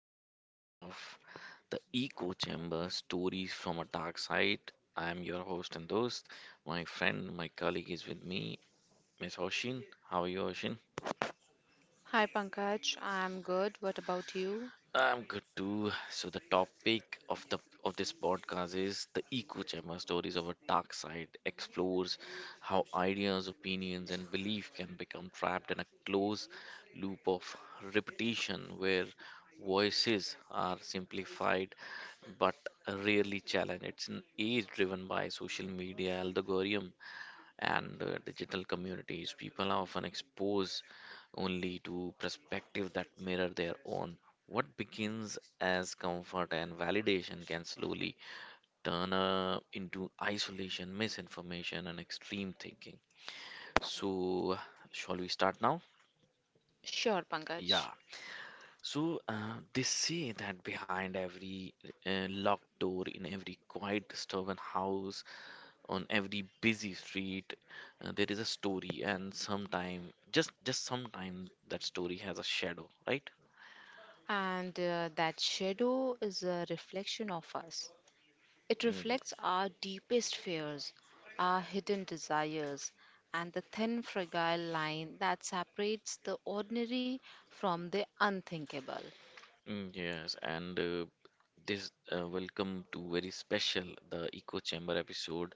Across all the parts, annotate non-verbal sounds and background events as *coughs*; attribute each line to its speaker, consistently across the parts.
Speaker 1: episode of the Echo Chamber Stories from a Dark Side. I am your host and host. My friend, my colleague is with me, Miss Hoshin. How are you, Hoshin?
Speaker 2: Hi Pankaj, I'm good. What about you?
Speaker 1: I'm good too. So the topic of the of this podcast is the echo chamber stories of a dark side explores how ideas, opinions, and belief can become trapped in a closed loop of repetition where voices are simplified but rarely challenged. It's an age driven by social media algorithm and digital communities, people are often exposed only to perspective that mirror their own. What begins as comfort and validation can slowly turn into isolation, misinformation, and extreme thinking. So, shall we start now?
Speaker 2: Sure,
Speaker 1: Yeah.
Speaker 2: Pankaj.
Speaker 1: So, they say that behind every locked door, in every quiet, stubborn house, on every busy street there is a story and sometime just sometime that story has a shadow, right?
Speaker 2: And that shadow is a reflection of us. It
Speaker 1: mm,
Speaker 2: reflects our deepest fears, our hidden desires, and the thin, fragile line that separates the ordinary from the unthinkable.
Speaker 1: mm, yes and uh, this welcome to very special the echo chamber episode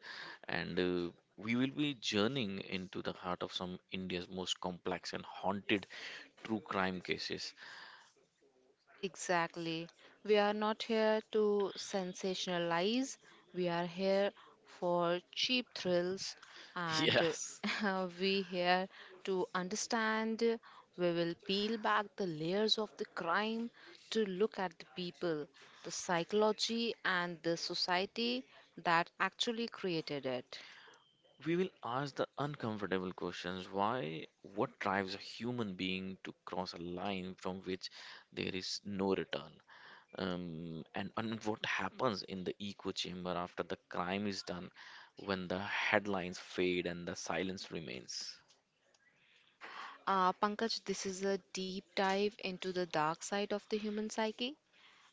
Speaker 1: and we will be journeying into the heart of some India's most complex and haunted true crime cases.
Speaker 2: Exactly. We are not here to sensationalize. We are here for cheap thrills
Speaker 1: *laughs*
Speaker 2: and
Speaker 1: Yes.
Speaker 2: *laughs* we here to understand. We will peel back the layers of the crime to look at the people, the psychology and the society that actually created it.
Speaker 1: We will ask the uncomfortable questions. Why? What drives a human being to cross a line from which there is no return? And what happens in the echo chamber after the crime is done when the headlines fade and the silence remains?
Speaker 2: Pankaj, this is a deep dive into the dark side of the human psyche.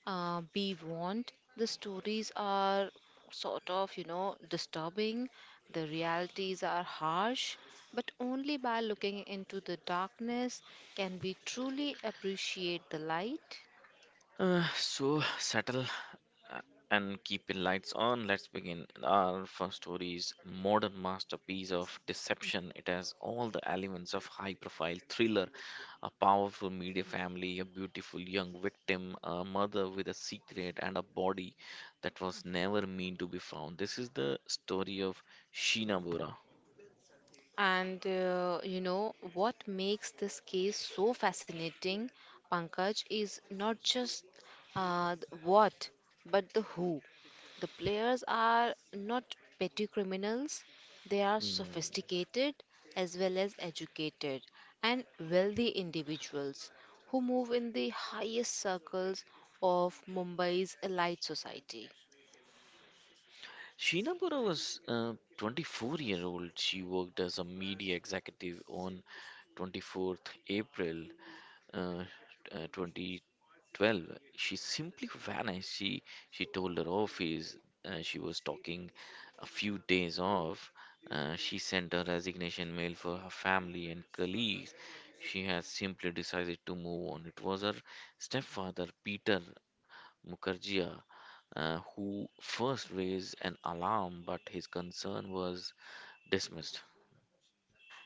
Speaker 2: Be warned, the stories are sort of disturbing, the realities are harsh, but only by looking into the darkness can we truly appreciate the light.
Speaker 1: So, settle a- and keeping lights on, let's begin. Our first story is modern masterpiece of deception. It has all the elements of high-profile thriller, a powerful media family, a beautiful young victim, a mother with a secret, and a body that was never meant to be found. This is the story of Sheena Bora.
Speaker 2: And you know what makes this case so fascinating, Pankaj, is not just the what, but the who. The players are not petty criminals, they are
Speaker 1: Mm.
Speaker 2: sophisticated as well as educated and wealthy individuals who move in the highest circles of Mumbai's elite society.
Speaker 1: Sheena Bora was a 24-year-old year old. She worked as a media executive on 24th April. uh, 2012 she simply vanished. She told her office she was talking a few days off. She sent a resignation mail for her family and colleagues. She has simply decided to move on. It was her stepfather Peter Mukherjee who first raised an alarm, but his concern was dismissed.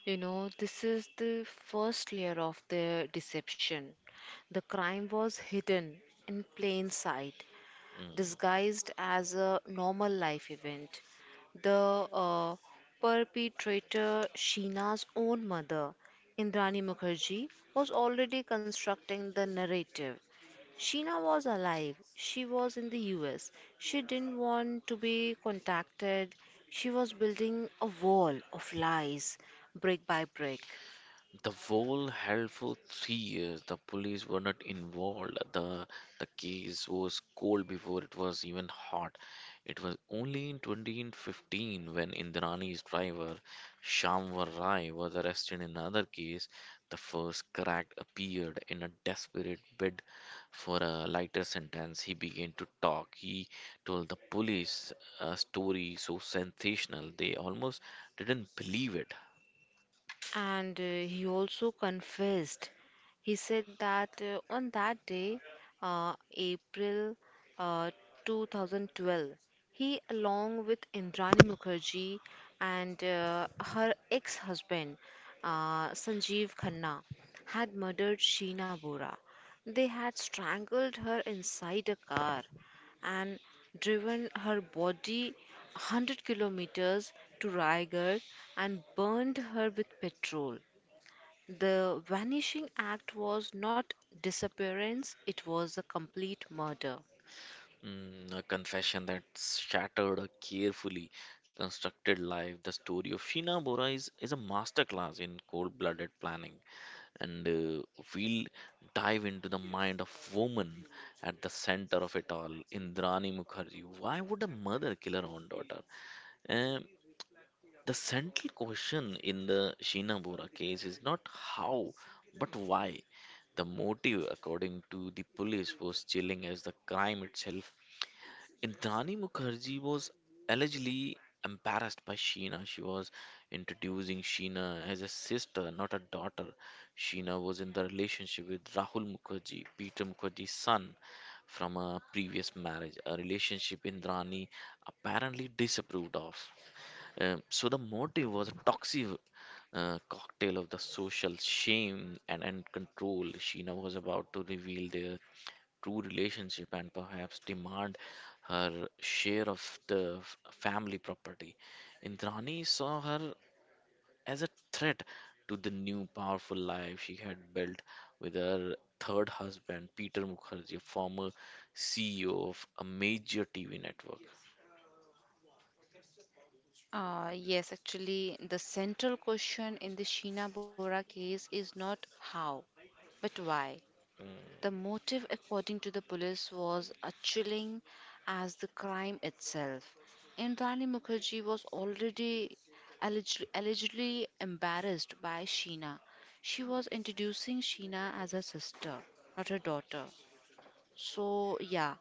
Speaker 2: You know, this is the first layer of their deception. The crime was hidden in plain sight,
Speaker 1: Mm.
Speaker 2: disguised as a normal life event. The perpetrator, Sheena's own mother, Indrani Mukherjee, was already constructing the narrative. Sheena was alive. She was in the US. She didn't want to be contacted. She was building a wall of lies, brick by brick.
Speaker 1: The whole held for 3 years. The police were not involved. The case was cold before it was even hot. It was only in 2015 when Indrani's driver Shamwar Rai was arrested in another case. The first cracked appeared in a desperate bid for a lighter sentence. He began to talk. He told the police a story so sensational they almost didn't believe it.
Speaker 2: And he also confessed. He said that on that day, April uh, 2012, he, along with Indrani Mukherjee and her ex husband, Sanjeev Khanna, had murdered Sheena Bora. They had strangled her inside a car and driven her body 100 kilometers to Raigad and burned her with petrol. The vanishing act was not disappearance, it was a complete murder.
Speaker 1: Mm, a confession that shattered a carefully constructed life. The story of Sheena Bora is a masterclass in cold-blooded planning, and we'll dive into the mind of woman at the center of it all, Indrani Mukherjee. Why would a mother kill her own daughter? Um, the central question in the Sheena Bora case is not how, but why. The motive, according to the police, was chilling as the crime itself. Indrani Mukherjee was allegedly embarrassed by Sheena. She was introducing Sheena as a sister, not a daughter. Sheena was in the relationship with Rahul Mukherjee, Peter Mukherjee's son, from a previous marriage, a relationship Indrani apparently disapproved of. So the motive was a toxic cocktail of the social shame and control. Sheena was about to reveal their true relationship and perhaps demand her share of the family property. Indrani saw her as a threat to the new powerful life she had built with her third husband, Peter Mukherjee, a former CEO of a major TV network.
Speaker 2: Yes, actually, the central question in the Sheena Bora case is not how, but why. The
Speaker 1: Mm,
Speaker 2: motive, according to the police, was as chilling as the crime itself. Indrani Mukherjee was already allegedly embarrassed by Sheena. She was introducing Sheena as her sister, not her daughter. So, yeah,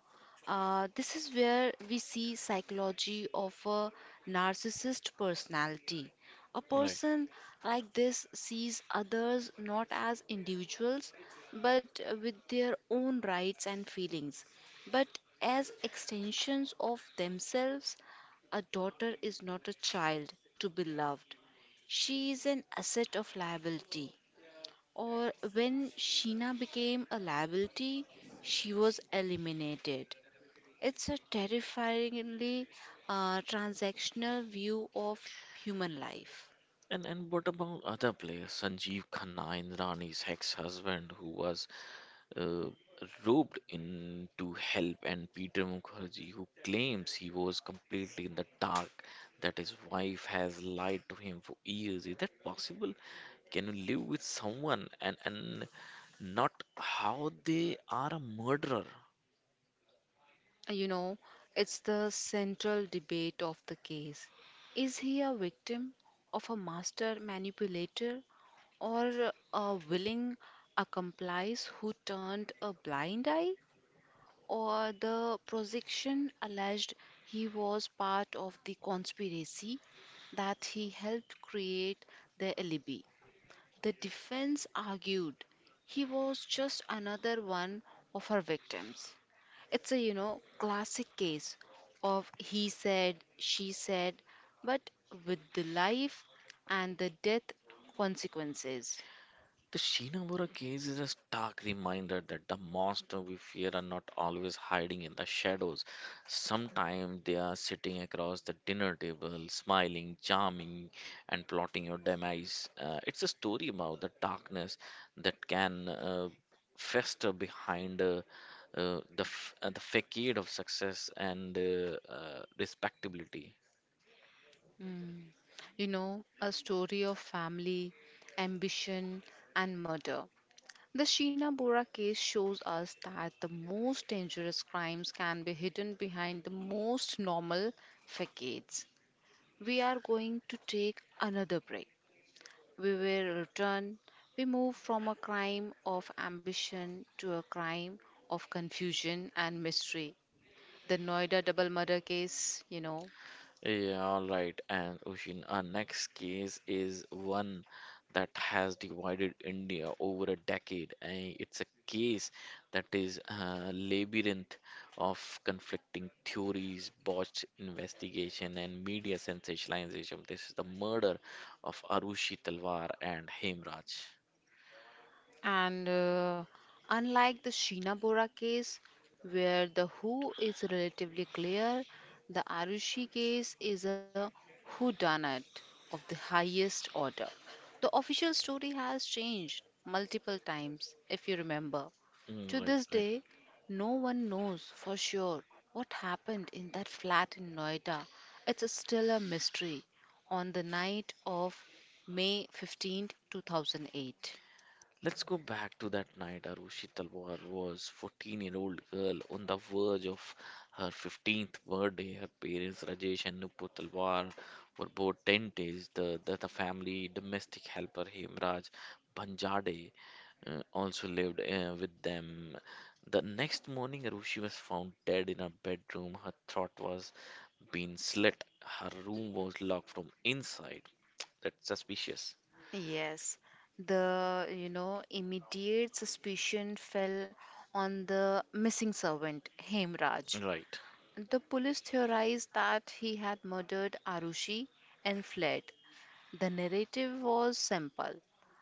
Speaker 2: this is where we see psychology of a narcissist personality. A
Speaker 1: right.
Speaker 2: person like this sees others not as individuals, but with their own rights and feelings, but as extensions of themselves. A daughter is not a child to be loved. She is an asset of liability. Or when Sheena became a liability, she was eliminated. It's a terrifyingly transactional view of human life.
Speaker 1: And what about other players? Sanjeev Khanna, Indrani's ex-husband, who was uh, roped in to help, and Peter Mukherjee, who claims he was completely in the dark, that his wife has lied to him for years. Is that possible? Can you live with someone and not how they are a murderer?
Speaker 2: You know, it's the central debate of the case. Is he a victim of a master manipulator or a willing accomplice who turned a blind eye? Or the prosecution alleged he was part of the conspiracy, that he helped create the alibi. The defense argued he was just another one of her victims. It's a, you know, classic case of he said, she said, but with the life and the death consequences.
Speaker 1: The Shinamura case is a stark reminder that the monsters we fear are not always hiding in the shadows. Sometimes they are sitting across the dinner table, smiling, charming, and plotting your demise. It's a story about the darkness that can fester behind the facade of success and respectability.
Speaker 2: You know, a story of family, ambition, and murder. The Sheena Bora case shows us that the most dangerous crimes can be hidden behind the most normal facades. We are going to take another break. We will return. We move from a crime of ambition to a crime of confusion and mystery. The Noida double murder case, you know.
Speaker 1: Yeah, all right. And Oshin, our next case is one that has divided India over a decade. And it's a case that is a labyrinth of conflicting theories, botched investigation, and media sensationalization. This is the murder of Arushi Talwar and Hemraj.
Speaker 2: And unlike the Sheena Bora case, where the who is relatively clear, the Arushi case is a whodunit of the highest order. The official story has changed multiple times, if you remember. To
Speaker 1: Mm, right,
Speaker 2: this
Speaker 1: right.
Speaker 2: day, no one knows for sure what happened in that flat in Noida. It's still a mystery on the night of May 15, 2008.
Speaker 1: Let's go back to that night. Arushi Talwar was 14-year-old girl on the verge of her 15th birthday. Her parents Rajesh and Nupur Talwar were both dentists. The family domestic helper Hemraj Banjade also lived with them. The next morning Arushi was found dead in her bedroom. Her throat was being slit. Her room was locked from inside. That's suspicious.
Speaker 2: Yes, the you know immediate suspicion fell on the missing servant, Hemraj.
Speaker 1: Right.
Speaker 2: The police theorized that he had murdered Arushi and fled. The narrative was simple,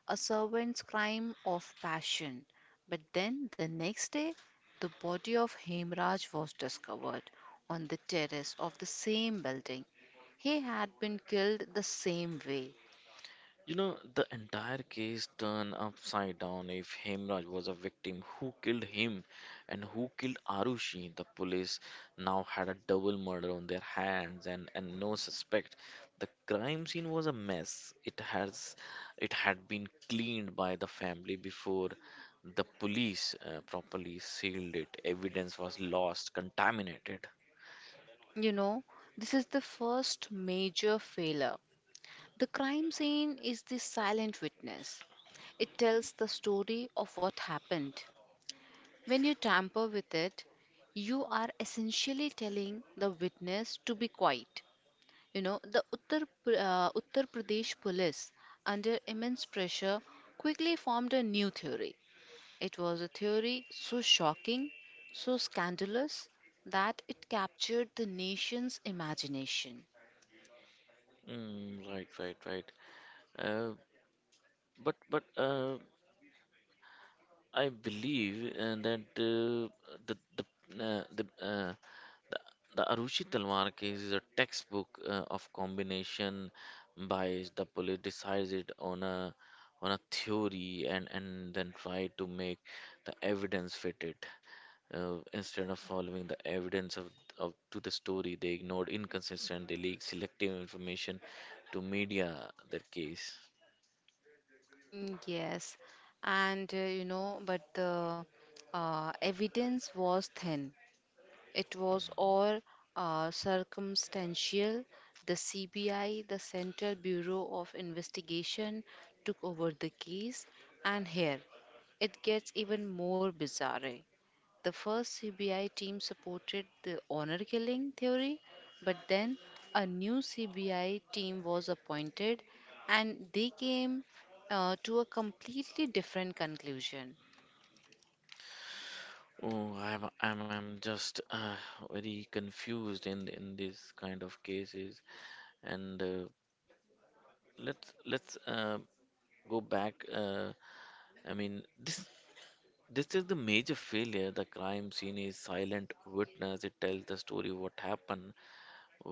Speaker 2: a servant's crime of passion. But then the next day, the body of Hemraj was discovered on the terrace of the same building. He had been killed the same way.
Speaker 1: You know, the entire case turned upside down. If Hemraj was a victim, who killed him and who killed Arushi? The police now had a double murder on their hands and no suspect. The crime scene was a mess. It has it had been cleaned by the family before the police properly sealed it. Evidence was lost, contaminated.
Speaker 2: You know, this is the first major failure. The crime scene is the silent witness. It tells the story of what happened. When you tamper with it, you are essentially telling the witness to be quiet. You know, the Uttar Pradesh police, under immense pressure, quickly formed a new theory. It was a theory so shocking, so scandalous, that it captured the nation's imagination.
Speaker 1: Mm, right, right, right. Uh, but I believe that the the uh, the, uh, the the Arushi Talwar case is a textbook of combination bias. The police decides it on a theory and then try to make the evidence fit it instead of following the evidence of to the story. They ignored inconsistent, they leak selective information to media. That case.
Speaker 2: Mm, yes, and you know, but the evidence was thin. It was
Speaker 1: Mm.
Speaker 2: all circumstantial. The CBI, the Central Bureau of Investigation, took over the case, and here it gets even more bizarre. The first CBI team supported the honor killing theory, but then a new CBI team was appointed and they came to a completely different conclusion.
Speaker 1: Oh, I'm just very confused in this kind of cases. And let's go back. I mean, this is the major failure. The crime scene is silent witness. It tells the story what happened.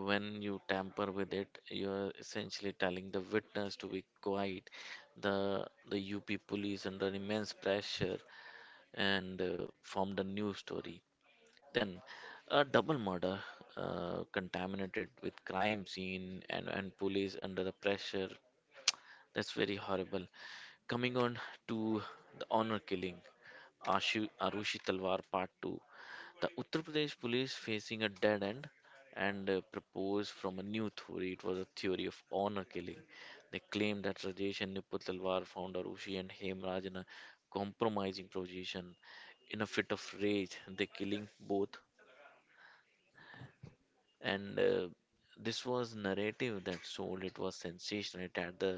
Speaker 1: When you tamper with it, you're essentially telling the witness to be quiet. The UP police under immense pressure and formed a new story. Then a double murder contaminated with crime scene and police under the pressure. That's very horrible. Coming on to the honor killing, Arushi Talwar Part 2. The Uttar Pradesh police facing a dead end and proposed from a new theory. It was a theory of honor killing. They claimed that Rajesh and Niput Talwar found Arushi and Hemraj in a compromising position. In a fit of rage, they killing both and this was narrative that sold. It was sensational. It had the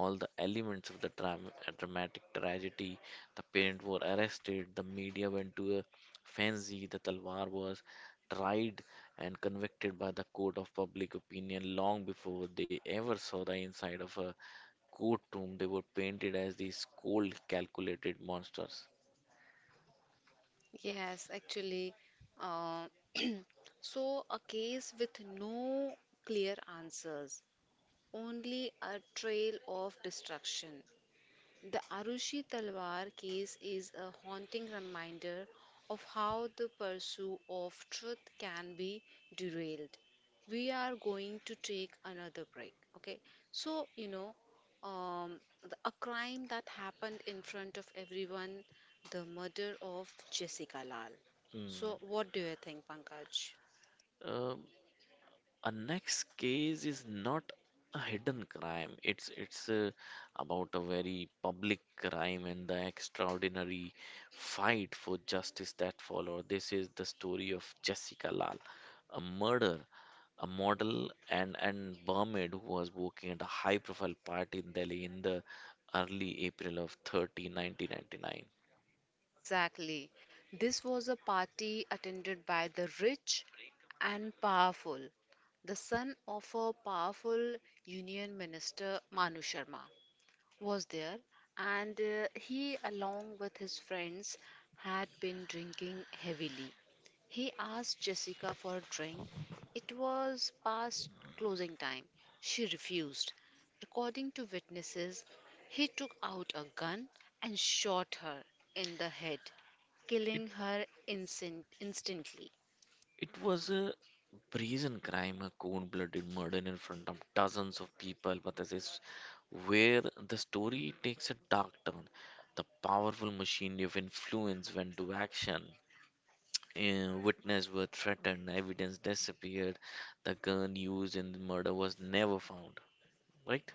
Speaker 1: all the elements of the dramatic tragedy. The parents were arrested. The media went to a fancy. The Talwar was tried and convicted by the court of public opinion long before they ever saw the inside of a courtroom. They were painted as these cold calculated monsters.
Speaker 2: Yes, actually. Uh, *clears throat* so, a case with no clear answers, only a trail of destruction. The Arushi Talwar case is a haunting reminder of how the pursuit of truth can be derailed. We are going to take another break. Okay, so you know, a crime that happened in front of everyone, the murder of Jessica Lal. So,
Speaker 1: Mm.
Speaker 2: what do you think, Pankaj?
Speaker 1: A next case is not a hidden crime. It's about a very public crime and the extraordinary fight for justice that followed. This is the story of Jessica Lal, a murder, a model and barmaid who was working at a high-profile party in Delhi in the early April of 30, 1999.
Speaker 2: Exactly. This was a party attended by the rich and powerful, the son of a powerful union minister, Manu Sharma, was there, and he, along with his friends, had been drinking heavily. He asked Jessica for a drink. It was past closing time. She refused. According to witnesses, he took out a gun and shot her in the head, killing her instantly.
Speaker 1: It was a brazen crime, a cold blooded murder in front of dozens of people, but this is where the story takes a dark turn. The powerful machinery of influence went to action. Witnesses were threatened, evidence disappeared, the gun used in the murder was never found. Right?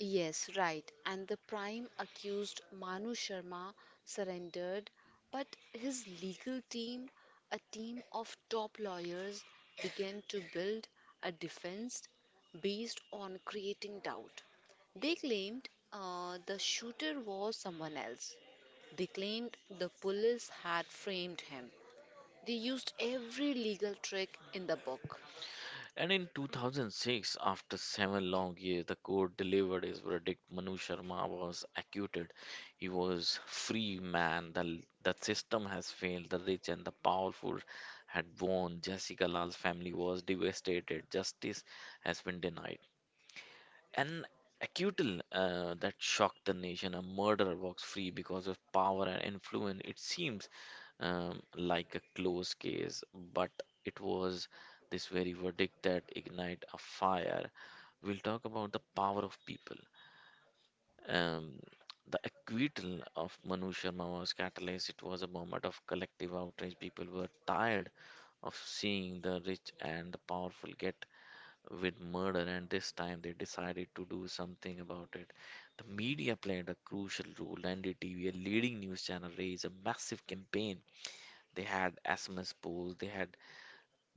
Speaker 2: Yes, right. And the prime accused Manu Sharma surrendered, but his legal team, a team of top lawyers, began to build a defense based on creating doubt. They claimed the shooter was someone else. They claimed the police had framed him. They used every legal trick in the book.
Speaker 1: And in 2006, after seven long years, the court delivered his verdict. Manu Sharma was acquitted. He was free man. The system has failed. The rich and the powerful had won. Jessica Lal's family was devastated. Justice has been denied. An acquittal that shocked the nation. A murderer walks free because of power and influence. It seems like a closed case, but it was this very verdict that ignite a fire. We'll talk about the power of people. Um, the acquittal of Manu Sharma was catalyst. It was a moment of collective outrage. People were tired of seeing the rich and the powerful get with murder, and this time they decided to do something about it. The media played a crucial role. NDTV, a leading news channel, raised a massive campaign. They had SMS polls, they had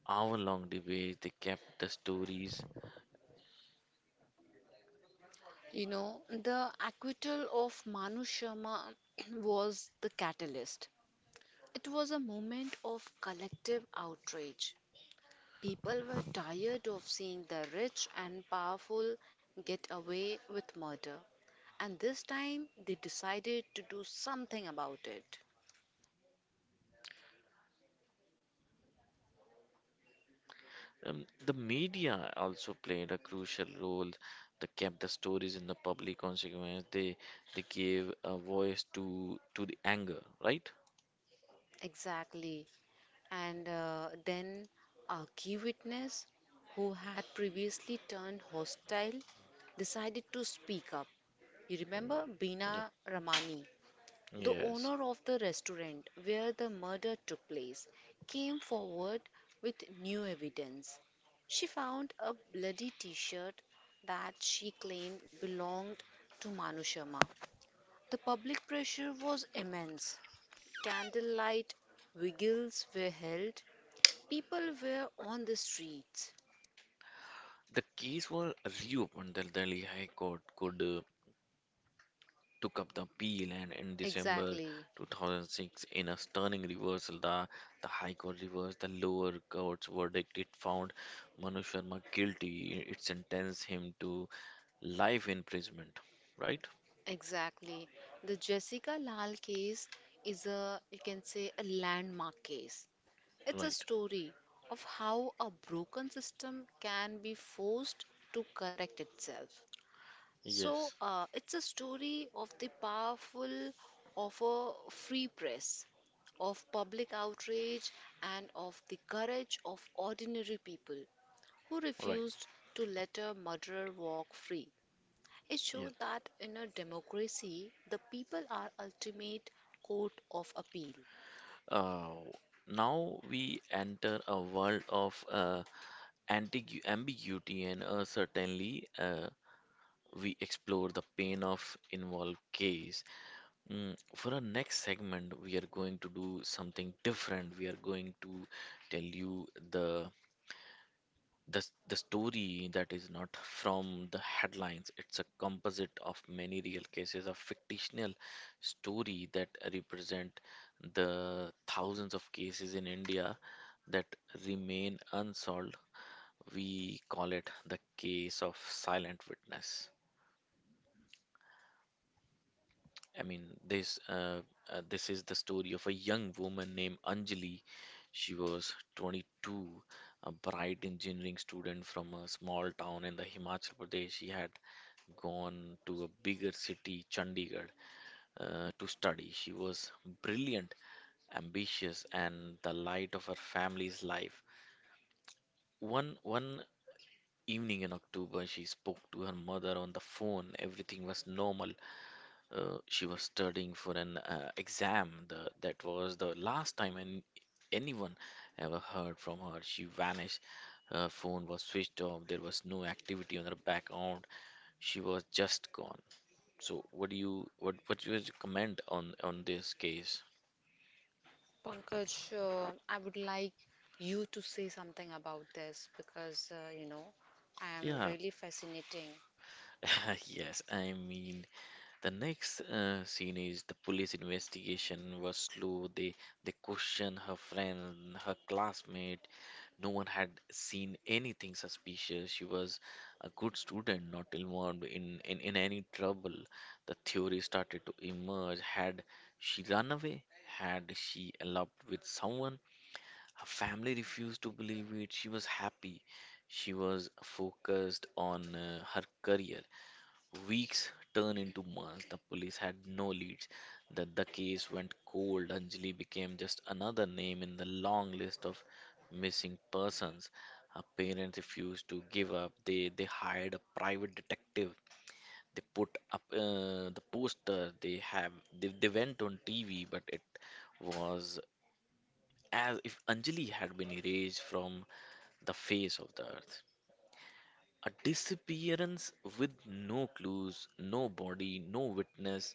Speaker 1: hour long debates, they kept the stories.
Speaker 2: You know, the acquittal of Manu Sharma *clears throat* was the catalyst. It was a moment of collective outrage. People were tired of seeing the rich and powerful get away with murder. And this time they decided to do something about it.
Speaker 1: The media also played a crucial role. They kept the stories in the public consequence. They gave a voice to the anger, right?
Speaker 2: Exactly. And then a key witness who had previously turned hostile decided to speak up. You remember
Speaker 1: Yep.
Speaker 2: Bina Ramani, the
Speaker 1: Yes.
Speaker 2: owner of the restaurant where the murder took place, came forward with new evidence. She found a bloody t shirt that she claimed belonged to Manu Sharma. The public pressure was immense. Candlelight vigils were held, people were on the streets.
Speaker 1: The case was reopened. The Delhi High Court could took up the appeal, and in December
Speaker 2: Exactly.
Speaker 1: 2006, in a stunning reversal, the High Court reversed the lower court's verdict. It found Manu Sharma guilty. It sentenced him to life imprisonment. Right?
Speaker 2: Exactly. The Jessica Lal case is a, you can say, a landmark case. It's a
Speaker 1: Right.
Speaker 2: story of how a broken system can be forced to correct itself. So,
Speaker 1: Yes.
Speaker 2: it's a story of the powerful, of a free press, of public outrage, and of the courage of ordinary people who
Speaker 1: Right.
Speaker 2: refused to let a murderer walk free. It
Speaker 1: Yes.
Speaker 2: showed that in a democracy, the people are ultimate court of appeal.
Speaker 1: Uh, now we enter a world of ambiguity and uncertainty. We explore the pain of involved case. For our next segment, we are going to do something different. We are going to tell you the story that is not from the headlines. It's a composite of many real cases, a fictional story that represent the thousands of cases in India that remain unsolved. We call it the case of silent witness. I mean, this uh, this is the story of a young woman named Anjali. She was 22, a bright engineering student from a small town in the Himachal Pradesh. She had gone to a bigger city, Chandigarh, to study. She was brilliant, ambitious, and the light of her family's life. One evening in October, she spoke to her mother on the phone. Everything was normal. She was studying for an exam. The, that was the last time anyone ever heard from her. She vanished. Her phone was switched off. There was no activity on her background. She was just gone. So, what do you comment on this case?
Speaker 2: Pankaj, I would like you to say something about this because you know I am
Speaker 1: Yeah,
Speaker 2: really fascinating.
Speaker 1: *laughs* yes. The next scene is the police investigation was slow. They questioned her friend, her classmate. No one had seen anything suspicious. She was a good student, not involved in any trouble. The theory started to emerge. Had she run away? Had she eloped with someone? Her family refused to believe it. She was happy. She was focused on her career. Weeks turned into months. The police had no leads. The case went cold. Anjali became just another name in the long list of missing persons. Her parents refused to give up. They hired a private detective. They put up the poster. They went on TV, but it was as if Anjali had been erased from the face of the earth. A disappearance with no clues, no body, no witness.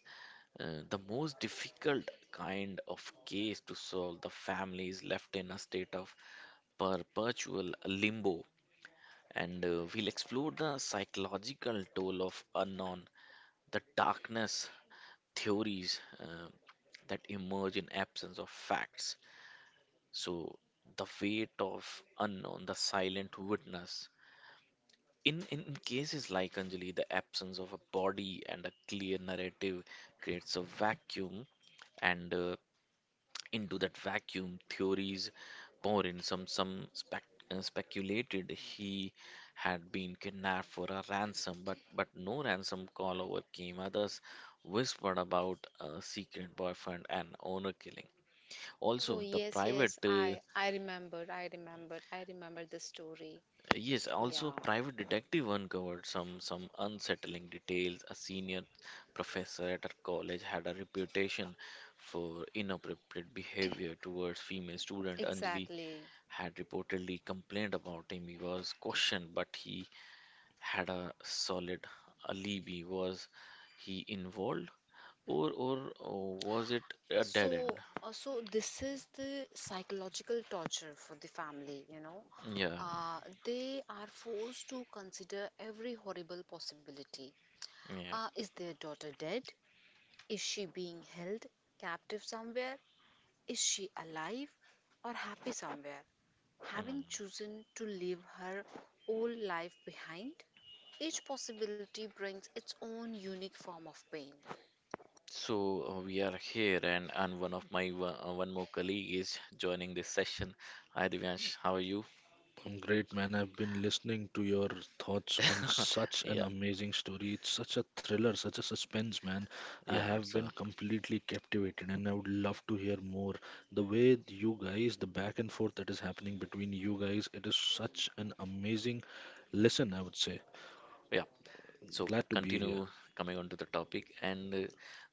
Speaker 1: The most difficult kind of case to solve. The family is left in a state of perpetual limbo. And we'll explore the psychological toll of unknown, the darkness theories that emerge in absence of facts. So, the weight of unknown, the silent witness, in cases like Anjali, the absence of a body and a clear narrative creates a vacuum, and into that vacuum, theories pour in. Speculated he had been kidnapped for a ransom, but no ransom call overcame. Others whispered about a secret boyfriend and owner killing.
Speaker 2: Oh
Speaker 1: Also, the
Speaker 2: yes,
Speaker 1: private
Speaker 2: yes,
Speaker 1: uh,
Speaker 2: I remembered the story.
Speaker 1: Yes, also
Speaker 2: Yeah,
Speaker 1: private detective uncovered some unsettling details. A senior professor at our college had a reputation for inappropriate behavior
Speaker 2: *coughs*
Speaker 1: towards female
Speaker 2: *clears throat*
Speaker 1: student. Anjali
Speaker 2: exactly.
Speaker 1: had reportedly complained about him. He was questioned, but he had a solid alibi. Was he involved or was it a dead
Speaker 2: So,
Speaker 1: end?
Speaker 2: so this is the psychological torture for the family, you know.
Speaker 1: Yeah,
Speaker 2: Uh, they are forced to consider every horrible possibility.
Speaker 1: yeah.
Speaker 2: Is their daughter dead? Is she being held captive somewhere? Is she alive or happy somewhere? Having
Speaker 1: Mm.
Speaker 2: chosen to leave her old life behind, each possibility brings its own unique form of pain.
Speaker 1: So we are here, and one of my one, one more colleague is joining this session. Hi Divyansh, how are you?
Speaker 3: I'm great, man. I've been listening to your thoughts on
Speaker 1: *laughs*
Speaker 3: such an
Speaker 1: Yeah,
Speaker 3: amazing story. It's such a thriller, such a suspense, man. I
Speaker 1: yeah,
Speaker 3: have
Speaker 1: it's
Speaker 3: been completely captivated, and I would love to hear more. The way you guys, the back and forth that is happening between you guys, it is such an amazing listen, I would say.
Speaker 1: yeah. So
Speaker 3: Glad to be here.
Speaker 1: continue coming on to the topic, and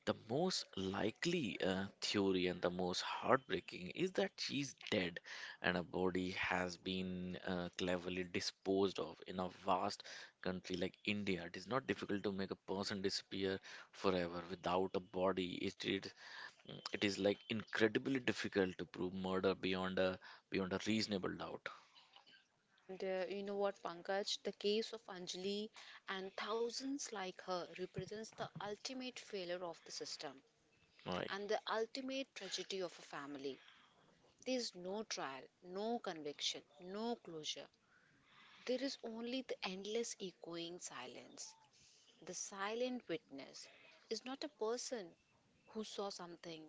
Speaker 1: the most likely theory and the most heartbreaking is that she's dead, and her body has been cleverly disposed of in a vast country like India. It is not difficult to make a person disappear forever without a body. It is like incredibly difficult to prove murder beyond a reasonable doubt.
Speaker 2: And you know what, Pankaj? The case of Anjali and thousands like her represents the ultimate failure of the system
Speaker 1: Right.
Speaker 2: and the ultimate tragedy of a family. There is no trial, no conviction, no closure. There is only the endless echoing silence. The silent witness is not a person who saw something,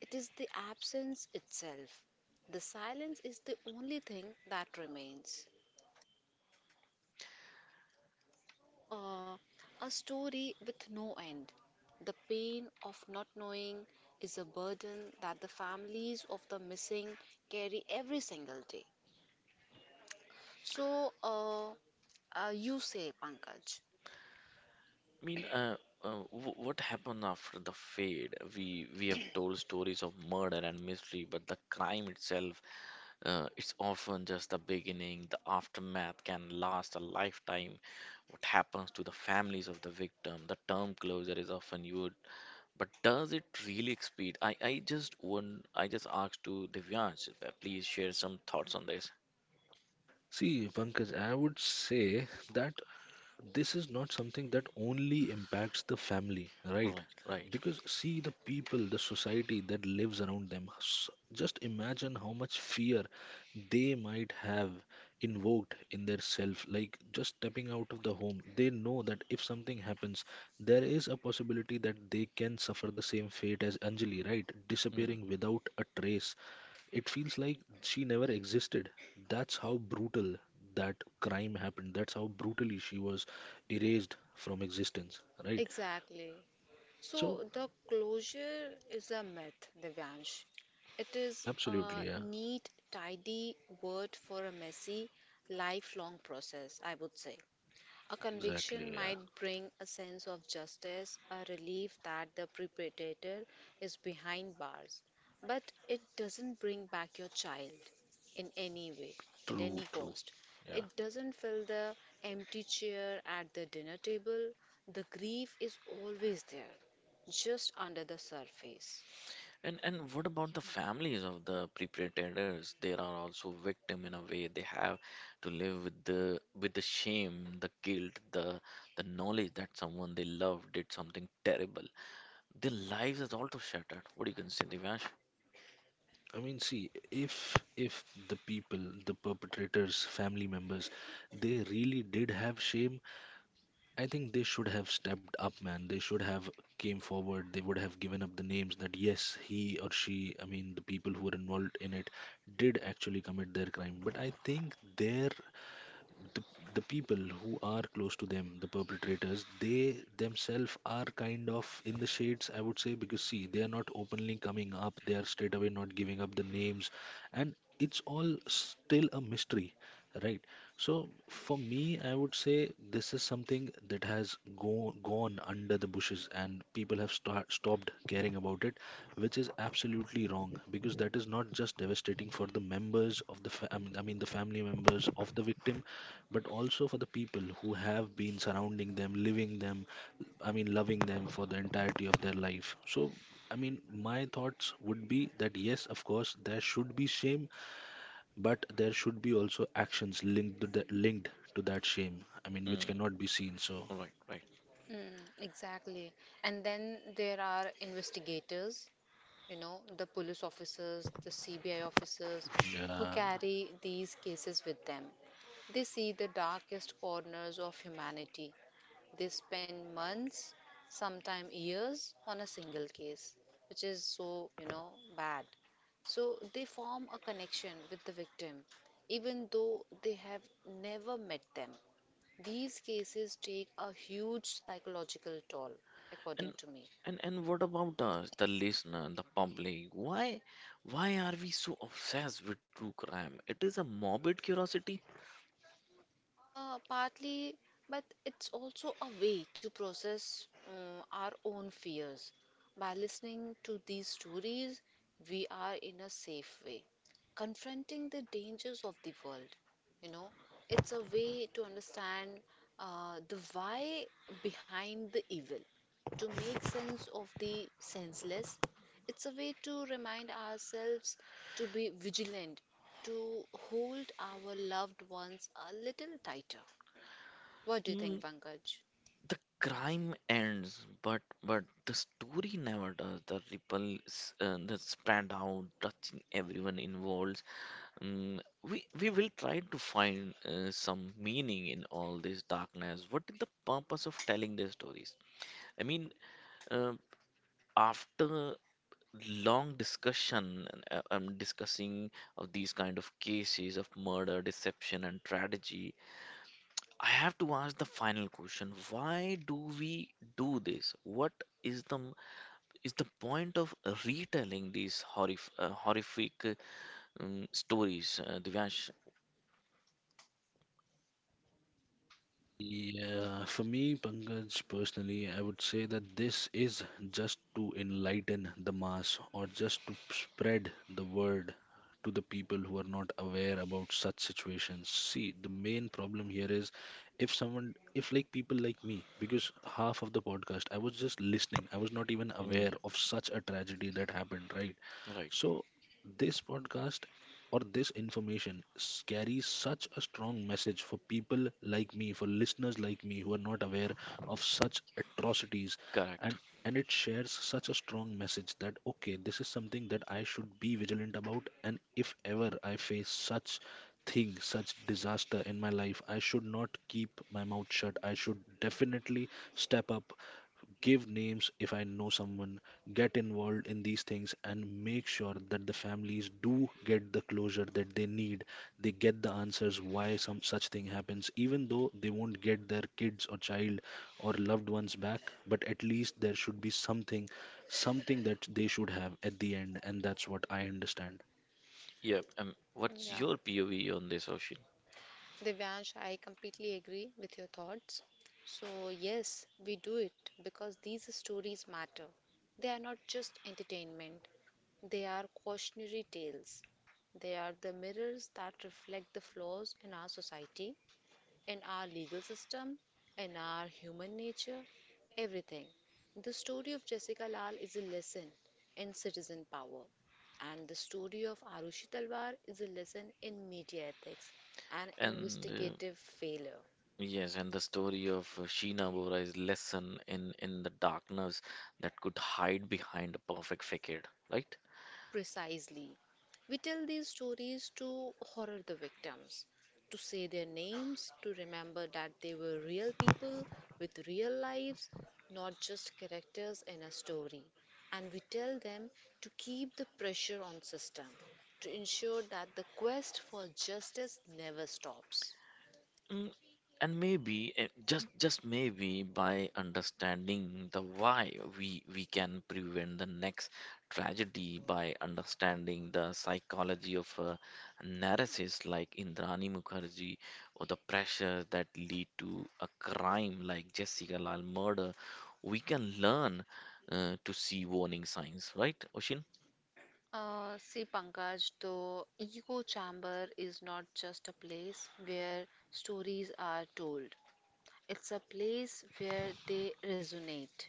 Speaker 2: it is the absence itself. The silence is the only thing that remains. uh, a story with no end. The pain of not knowing is a burden that the families of the missing carry every single day. So, you say, Pankaj.
Speaker 1: I mean, uh, w what happened after the fade? We have told stories of murder and mystery, but the crime itself, it's often just the beginning. The aftermath can last a lifetime. What happens to the families of the victim? The term closure is often used, but does it really speed? I just asked to Divyansh, please share some thoughts on this.
Speaker 3: See, Pankaj, I would say that this is not something that only impacts the family, right?
Speaker 1: Right, right.
Speaker 3: Because see, the people, the society that lives around them, just imagine how much fear they might have invoked in their self. Like just stepping out of the home, they know that if something happens there is a possibility that they can suffer the same fate as Anjali, right?
Speaker 1: Mm.
Speaker 3: Disappearing without a trace, it feels like she never existed. That's how brutal that crime happened. That's how brutally she was erased from existence, right?
Speaker 2: Exactly.
Speaker 3: So,
Speaker 2: So, the closure is a myth, Divyansh. It is a
Speaker 3: absolutely, yeah,
Speaker 2: neat, tidy word for a messy, lifelong process, I would say. A conviction
Speaker 3: exactly, yeah.
Speaker 2: might bring a sense of justice, a relief that the perpetrator is behind bars, but it doesn't bring back your child in any way, at
Speaker 3: True,
Speaker 2: any
Speaker 3: true.
Speaker 2: cost.
Speaker 3: Yeah.
Speaker 2: It doesn't fill the empty chair at the dinner table. The grief is always there, just under the surface.
Speaker 1: And what about the families of the perpetrators? They are also victim in a way. They have to live with the shame, the guilt, the knowledge that someone they love did something terrible. Their lives is also shattered. What do you can say, Divash?
Speaker 3: I mean, see, if the people, the perpetrators, family members, they really did have shame, I think they should have stepped up, man. They should have came forward. They would have given up the names that yes, he or she, I mean, the people who were involved in it did actually commit their crime. But I think the, the people who are close to them, the perpetrators, they themselves are kind of in the shades, I would say, because see, they are not openly coming up, they are straight away not giving up the names, and it's all still a mystery, right? So, for me, I would say this is something that has gone under the bushes, and people have stopped caring about it, which is absolutely wrong, because that is not just devastating for the members of the I mean the family members of the victim, but also for the people who have been surrounding them, living them, I mean, loving them for the entirety of their life. So, I mean, my thoughts would be that yes, of course, there should be shame, but there should be also actions linked to that shame. I mean, which
Speaker 1: Mm.
Speaker 3: cannot be seen. So,
Speaker 1: Right, right.
Speaker 2: Mm, exactly. And then there are investigators, you know, the police officers, the CBI officers, who
Speaker 3: yeah.
Speaker 2: carry these cases with them. They see the darkest corners of humanity. They spend months, sometimes years, on a single case, which is so, you know, bad. So they form a connection with the victim, even though they have never met them. These cases take a huge psychological toll, according
Speaker 1: And
Speaker 2: to me.
Speaker 1: and what about us, the listener, the public? Why are we so obsessed with true crime? It is a morbid curiosity.
Speaker 2: Partly, but it's also a way to process our own fears. By listening to these stories, we are in a safe way, confronting the dangers of the world. You know, it's a way to understand the why behind the evil, to make sense of the senseless. It's a way to remind ourselves to be vigilant, to hold our loved ones a little tighter. What do you think, Pankaj?
Speaker 1: The crime ends, but but the story never does. The ripples that spread out, touching everyone involved. Mm, we will try to find some meaning in all this darkness. What is the purpose of telling these stories? I mean, uh, after long discussion and discussing of these kind of cases of murder, deception, and tragedy, I have to ask the final question. Why do we do this? What is the point of retelling these horrific stories, Divyansh?
Speaker 3: Yeah, for me, Pankaj, personally, I would say that this is just to enlighten the mass, or just to spread the word to the people who are not aware about such situations. See, the main problem here is if someone, if like people like me, because half of the podcast I was just listening, I was not even aware
Speaker 1: Mm,
Speaker 3: of such a tragedy that happened, right?
Speaker 1: yeah, right,
Speaker 3: So, this podcast or this information carries such a strong message for people like me, for listeners like me who are not aware of such atrocities,
Speaker 1: Correct.
Speaker 3: and it shares such a strong message that okay, this is something that I should be vigilant about, and if ever I face such thing, such disaster in my life, I should not keep my mouth shut. I should definitely step up, give names if I know someone, get involved in these things and make sure that the families do get the closure that they need. They get the answers why some such thing happens, even though they won't get their kids or child or loved ones back, but at least there should be something, something that they should have at the end, and that's what I understand.
Speaker 1: Yeah. What's
Speaker 2: Yeah,
Speaker 1: your POV on this, Oshin?
Speaker 2: Divyansh, I completely agree with your thoughts. So, yes, we do it because these stories matter. They are not just entertainment, they are cautionary tales. They are the mirrors that reflect the flaws in our society, in our legal system, in our human nature, everything. The story of Jessica Lal is a lesson in citizen power, and the story of Arushi Talwar is a lesson in media ethics and
Speaker 1: And
Speaker 2: investigative failure.
Speaker 1: yes, and the story of Sheena Bora's lesson in the darkness that could hide behind a perfect facade, right?
Speaker 2: Precisely. We tell these stories to horror the victims, to say their names, to remember that they were real people with real lives, not just characters in a story. And we tell them to keep the pressure on system, to ensure that the quest for justice never stops.
Speaker 1: Mm, and maybe eh, just maybe by understanding the why, we can prevent the next tragedy by understanding the psychology of a narcissist like Indrani Mukherjee, or the pressure that lead to a crime like Jessica Lal murder, we can learn to see warning signs, right Oshin?
Speaker 2: See, Pankaj, the ego chamber is not just a place where stories are told. It's a place where they resonate.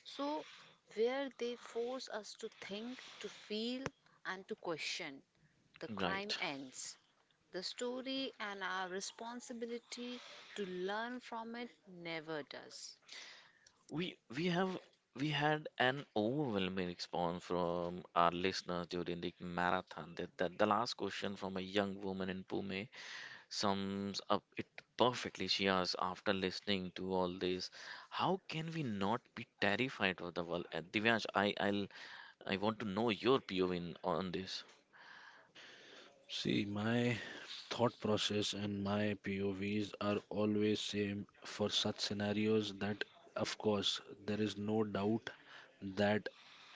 Speaker 2: So, where they force us to think, to feel, and to question, the crime
Speaker 1: Right.
Speaker 2: ends. The story and our responsibility to learn from it never does.
Speaker 1: We we have we had an overwhelming response from our listeners during the marathon. That, that the last question from a young woman in Pune sums up it perfectly. She asked, after listening to all this, how can we not be terrified of the world? Divyansh, I want to know your POV on this.
Speaker 3: See, my thought process and my POVs are always same for such scenarios that of course there is no doubt that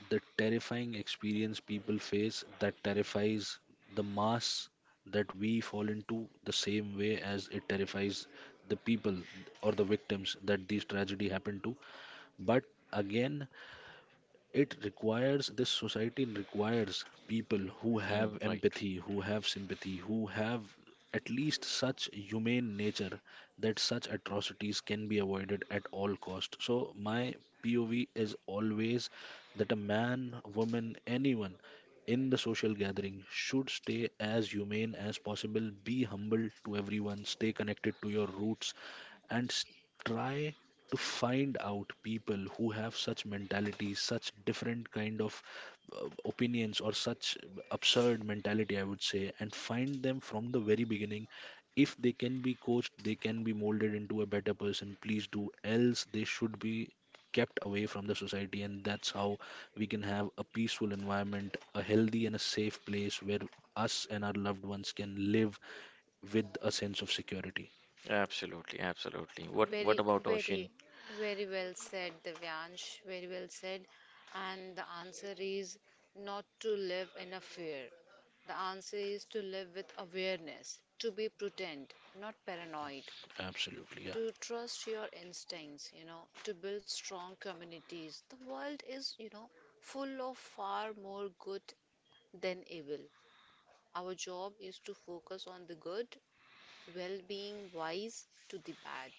Speaker 3: the terrifying experience people face, that terrifies the mass, that we fall into the same way as it terrifies the people or the victims that these tragedy happened to. But again, it requires this society, requires people who have
Speaker 1: Mm, right.
Speaker 3: empathy, who have sympathy, who have at least such humane nature, that such atrocities can be avoided at all cost. So my POV is always that a man, woman, anyone in the social gathering should stay as humane as possible, be humble to everyone, stay connected to your roots, and try to find out people who have such mentalities, such different kind of opinions, or such absurd mentality, I would say, and find them from the very beginning. If they can be coached, they can be molded into a better person, please do. Else, they should be kept away from the society, and that's how we can have a peaceful environment, a healthy and a safe place where us and our loved ones can live with a sense of security.
Speaker 1: Absolutely, absolutely. What
Speaker 2: Very,
Speaker 1: about
Speaker 2: very,
Speaker 1: Oshin?
Speaker 2: Very well said, Divyansh. Very well said. And the answer is not to live in a fear. The answer is to live with awareness, to be prudent, not paranoid,
Speaker 3: Absolutely, yeah.
Speaker 2: to trust your instincts, you know, to build strong communities. The world is, you know, full of far more good than evil. Our job is to focus on the good, well being wise to the bad.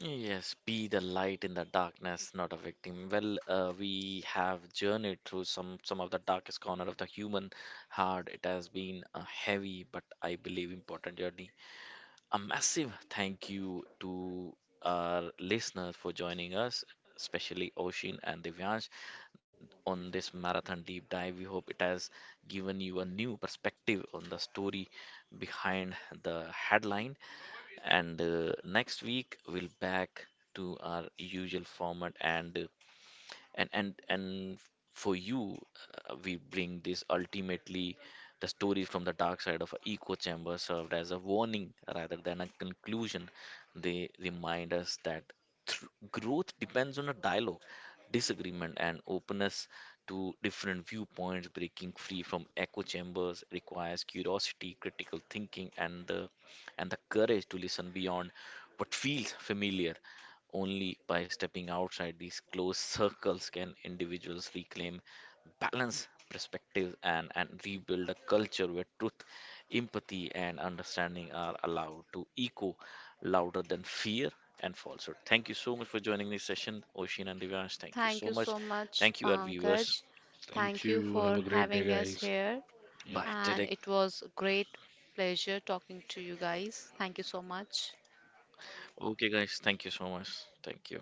Speaker 1: Yes, be the light in the darkness, not a victim. Well, we have journeyed through some of the darkest corner of the human heart. It has been a heavy but I believe important journey. A massive thank you to our listeners for joining us, especially Oshin and Divyansh, on this marathon deep dive. We hope it has given you a new perspective on the story behind the headline. And next week, we'll back to our usual format, and and and and for you, we bring this ultimately. The story from the dark side of an echo chamber served as a warning rather than a conclusion. They remind us that th- growth depends on a dialogue, disagreement, and openness to different viewpoints. Breaking free from echo chambers requires curiosity, critical thinking, and the courage to listen beyond what feels familiar. Only by stepping outside these closed circles can individuals reclaim balance, perspective, and rebuild a culture where truth, empathy, and understanding are allowed to echo louder than fear and falsehood. Thank you so much for joining this session, Oshin and Divyansh. Thank you
Speaker 2: Thank
Speaker 1: so
Speaker 2: you
Speaker 1: much.
Speaker 2: so much,
Speaker 1: Thank you, our viewers.
Speaker 2: Pankaj.
Speaker 3: Thank
Speaker 2: Thank you
Speaker 3: you. Have a
Speaker 2: for
Speaker 3: great day,
Speaker 2: having us
Speaker 3: guys.
Speaker 2: here.
Speaker 3: Yeah.
Speaker 1: Bye,
Speaker 2: And
Speaker 1: Derek.
Speaker 2: it was a great pleasure talking to you guys. Thank you so much.
Speaker 1: Okay, guys. Thank you so much. Thank you.